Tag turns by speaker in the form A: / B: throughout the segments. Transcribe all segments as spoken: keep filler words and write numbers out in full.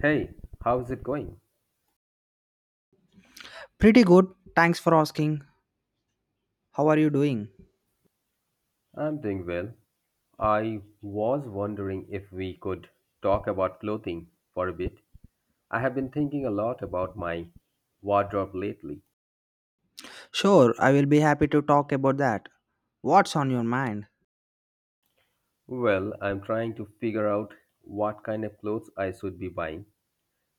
A: Hey, how's it going?
B: Pretty good. Thanks for asking. How are you doing?
A: I'm doing well. I was wondering if we could talk about clothing for a bit. I have been thinking a lot about my wardrobe lately.
B: Sure, I will be happy to talk about that. What's on your mind?
A: Well, I'm trying to figure out what kind of clothes I should be buying.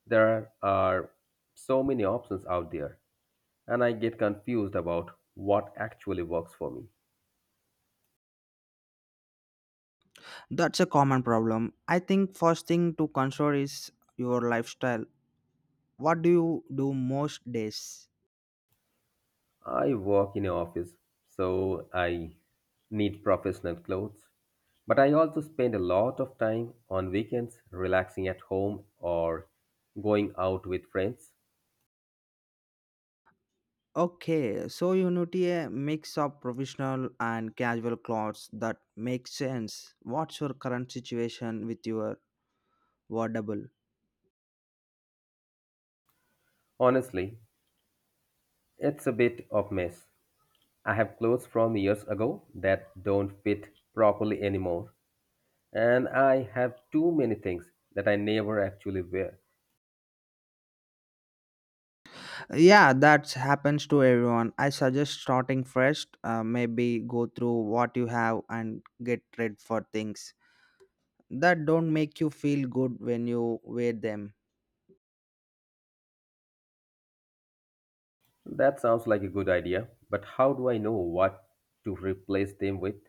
A: There are so many options out there, and I get confused about what actually works for me.
B: That's a common problem. I think first thing to consider is your lifestyle. What do you do most days?
A: I work in an office, so I need professional clothes, but I also spend a lot of time on weekends relaxing at home or going out with friends.
B: Okay, so you need a mix of professional and casual clothes that makes sense. What's your current situation with your wardrobe?
A: Honestly, it's a bit of mess. I have clothes from years ago that don't fit properly anymore, and I have too many things that I never actually wear.
B: Yeah, that happens to everyone. I suggest starting fresh, uh, maybe go through what you have and get rid for things that don't make you feel good when you wear them.
A: That sounds like a good idea, but how do I know what to replace them with?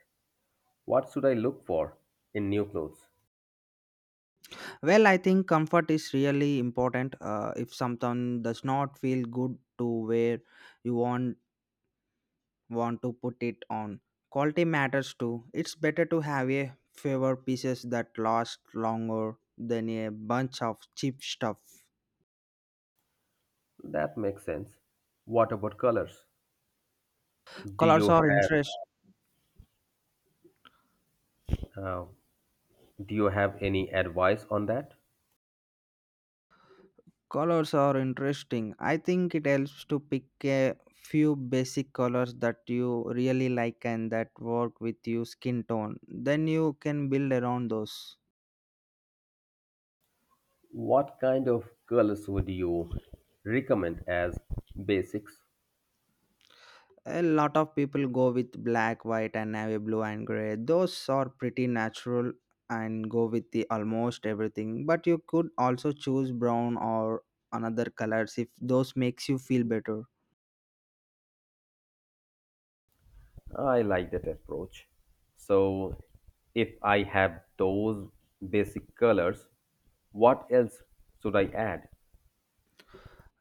A: What should I look for in new clothes?
B: Well, I think comfort is really important. Uh, if something does not feel good to wear, you won't want to put it on. Quality matters too. It's better to have a fewer pieces that last longer than a bunch of cheap stuff.
A: That makes sense. What about colors? Do
B: Colors
A: you
B: are
A: have
B: interest.
A: uh, do you have any advice on that?
B: Colors are interesting. I think it helps to pick a few basic colors that you really like and that work with your skin tone. Then you can build around those.
A: What kind of colors would you recommend as basics?
B: A lot of people go with black, white, and navy blue and gray. Those are pretty natural and go with the almost everything. But you could also choose brown or another colors if those makes you feel better.
A: I like that approach. So, if I have those basic colors, what else should I add?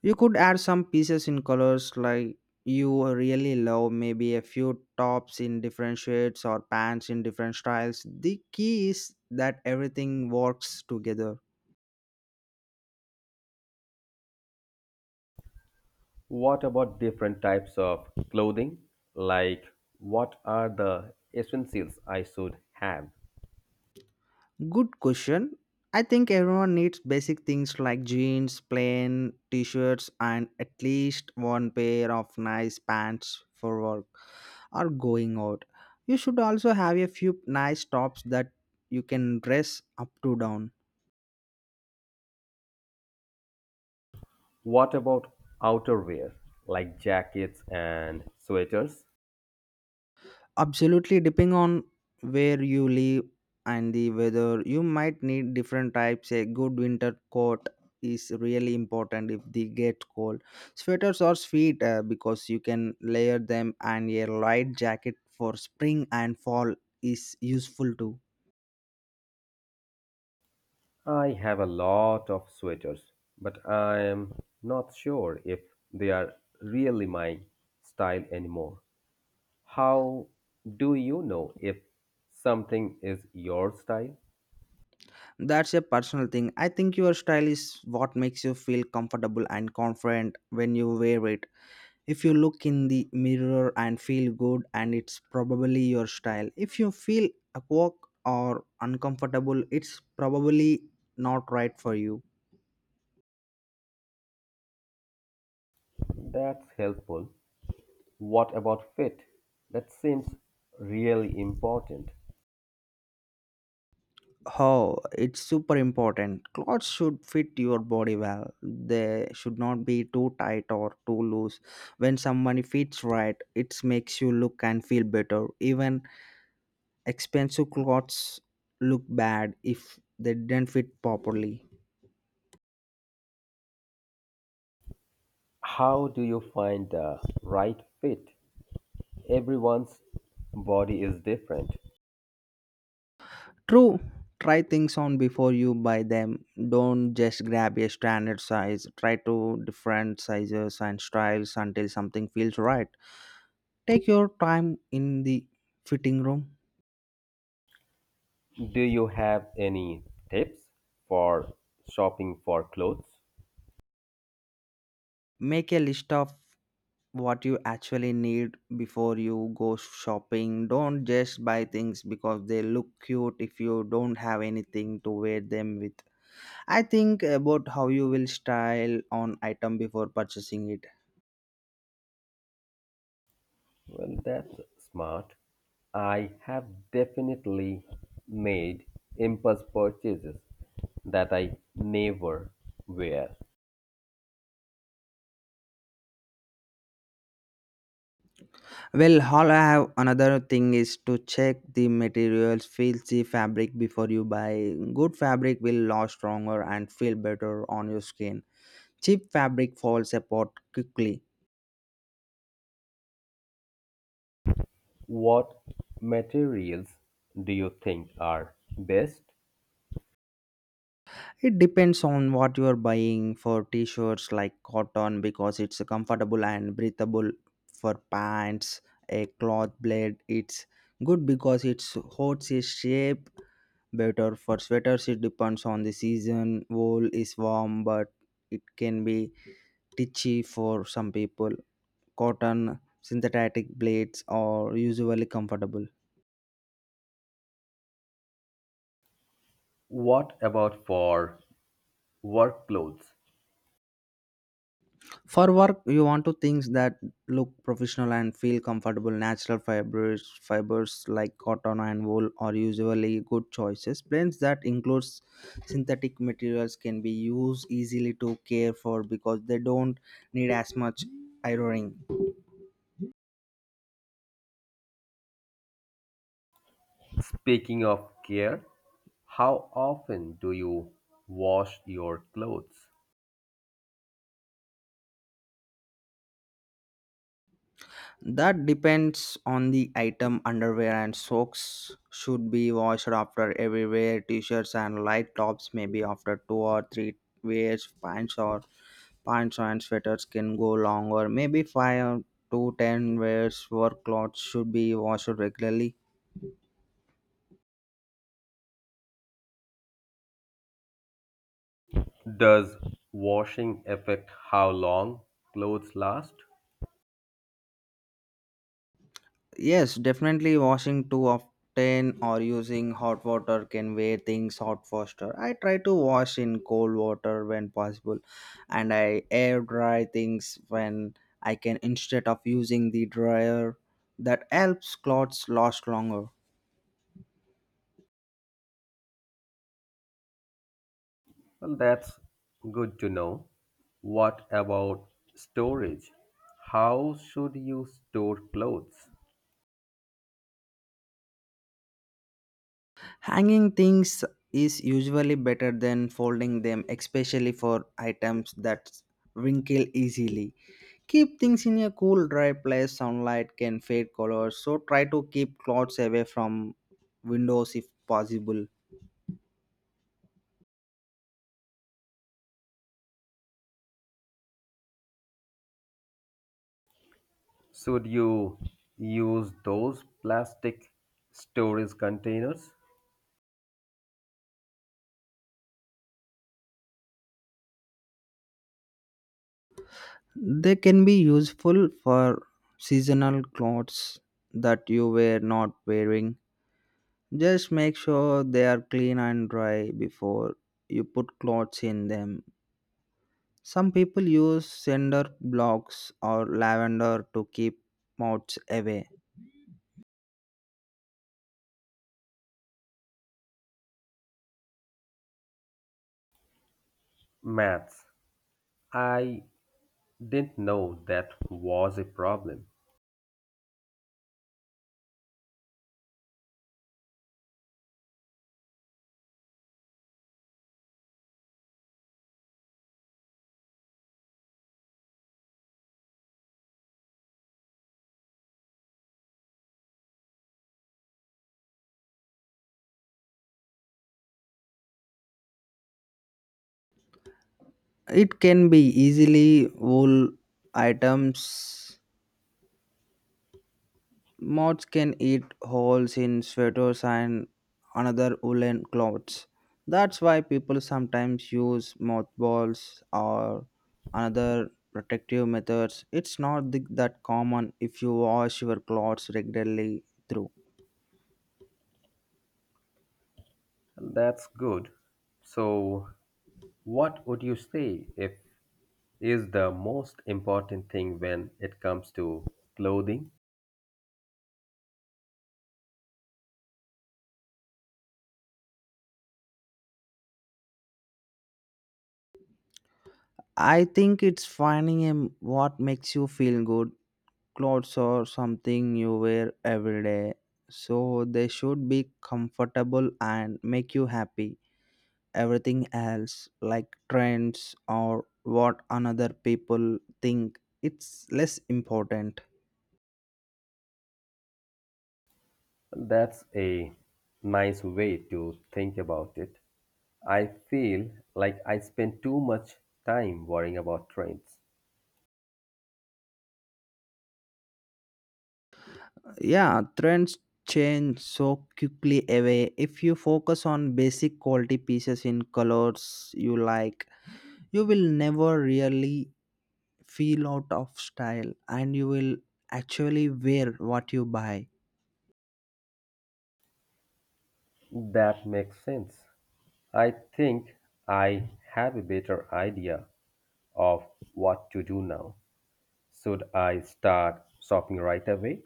B: You could add some pieces in colors like you really love, maybe a few tops in different shades or pants in different styles. The key is that everything works together.
A: What about different types of clothing? Like, what are the essentials I should have?
B: Good question. I think everyone needs basic things like jeans, plain t shirts, and at least one pair of nice pants for work or going out. You should also have a few nice tops that you can dress up to down.
A: What about outerwear, like jackets and sweaters?
B: Absolutely, depending on where you live and the weather, you might need different types. A good winter coat is really important if they get cold. Sweaters are sweet uh, because you can layer them, and a light jacket for spring and fall is useful too.
A: I have a lot of sweaters, but I am not sure if they are really my style anymore. How do you know if something is your style?
B: That's a personal thing. I think your style is what makes you feel comfortable and confident when you wear it. If you look in the mirror and feel good, and it's probably your style. If you feel awkward or uncomfortable, it's probably not right for you.
A: That's helpful. What about fit? That seems really important.
B: Oh, it's super important. Clothes should fit your body well. They should not be too tight or too loose. When somebody fits right, it makes you look and feel better. Even expensive clothes look bad if they didn't fit properly.
A: How do you find the right fit? Everyone's body is different.
B: True. Try things on before you buy them. Don't just grab a standard size. Try to different sizes and styles until something feels right. Take your time in the fitting room.
A: Do you have any tips for shopping for clothes?
B: Make a list of what you actually need before you go shopping. Don't just buy things because they look cute if you don't have anything to wear them with. I think about how you will style on item before purchasing it.
A: Well, that's smart. I have definitely made impulse purchases that I never wear.
B: Well, all I have another thing is to check the materials, feel the fabric before you buy. Good fabric will last stronger and feel better on your skin. Cheap fabric falls apart quickly.
A: What materials do you think are best?
B: It depends on what you are buying. For t-shirts, like cotton, because it's comfortable and breathable. For pants, a cloth blade, it's good because it holds its shape better. For sweaters, it depends on the season. Wool is warm, but it can be stitchy for some people. Cotton synthetic blades are usually comfortable.
A: What about for work clothes?
B: For work, you want to things that look professional and feel comfortable. Natural fibers, fibers like cotton and wool are usually good choices. Blends that includes synthetic materials can be used easily to care for because they don't need as much ironing.
A: Speaking of care, how often do you wash your clothes?
B: That depends on the item. Underwear and socks should be washed after every wear. T-shirts and light tops maybe after two or three wears. Pants or pants and sweaters can go longer. Maybe five to ten wears. Work clothes should be washed regularly.
A: Does washing affect how long clothes last?
B: Yes, definitely. Washing too often or using hot water can wear things out faster. I try to wash in cold water when possible, and I air dry things when I can instead of using the dryer. That helps clothes last longer.
A: Well, that's good to know. What about storage? How should you store clothes?
B: Hanging things is usually better than folding them, especially for items that wrinkle easily. Keep things in a cool, dry place. Sunlight can fade colors, so try to keep clothes away from windows if possible.
A: Should you use those plastic storage containers?
B: They can be useful for seasonal clothes that you were not wearing. Just make sure they are clean and dry before you put clothes in them. Some people use cinder blocks or lavender to keep moths away.
A: Maths. I didn't know that was a problem.
B: It can be easily wool items. Moths can eat holes in sweaters and another woolen clothes. That's why people sometimes use mothballs or another protective methods. It's not th- that common if you wash your clothes regularly through.
A: Well, that's good. So, what would you say if is the most important thing when it comes to clothing?
B: I think it's finding a, what makes you feel good clothes or something you wear every day. So they should be comfortable and make you happy. Everything else, like trends or what another people think, it's less important.
A: That's a nice way to think about it. I feel like I spend too much time worrying about trains.
B: Yeah, trends change so quickly away. If you focus on basic quality pieces in colors you like, you will never really feel out of style, and you will actually wear what you buy.
A: That makes sense. I think I have a better idea of what to do now. Should I start shopping right away?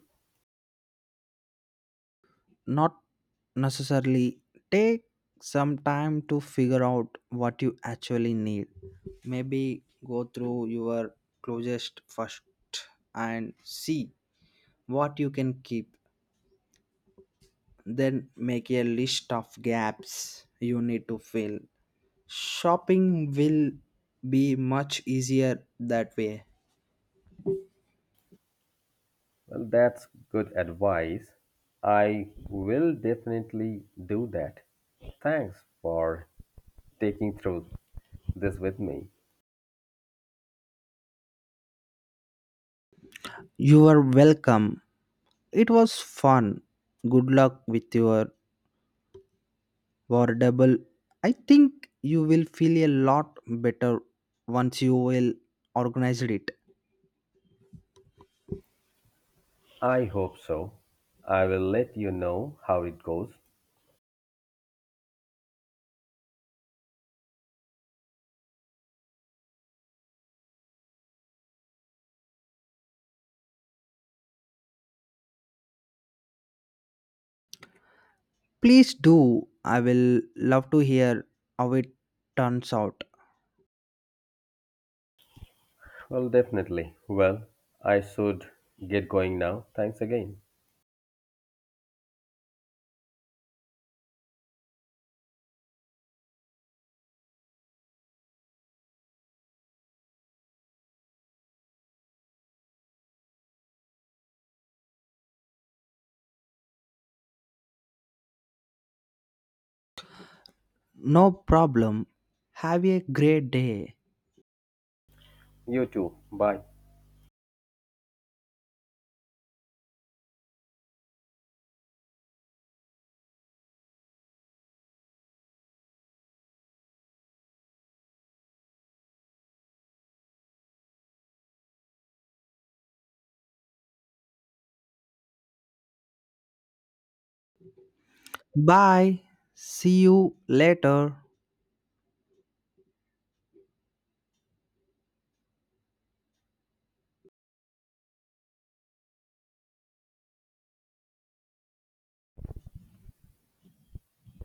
B: Not necessarily. Take some time to figure out what you actually need. Maybe go through your closest first and see what you can keep, then make a list of gaps you need to fill. Shopping will be much easier that way.
A: Well, that's good advice. I will definitely do that. Thanks for taking through this with me.
B: You are welcome. It was fun. Good luck with your wardable. I think you will feel a lot better once you will organize it.
A: I hope so. I will let you know how it goes.
B: Please do. I will love to hear how it turns out.
A: Well, definitely. Well, I should get going now. Thanks again.
B: No problem. Have a great day.
A: You too. Bye.
B: Bye. See you later.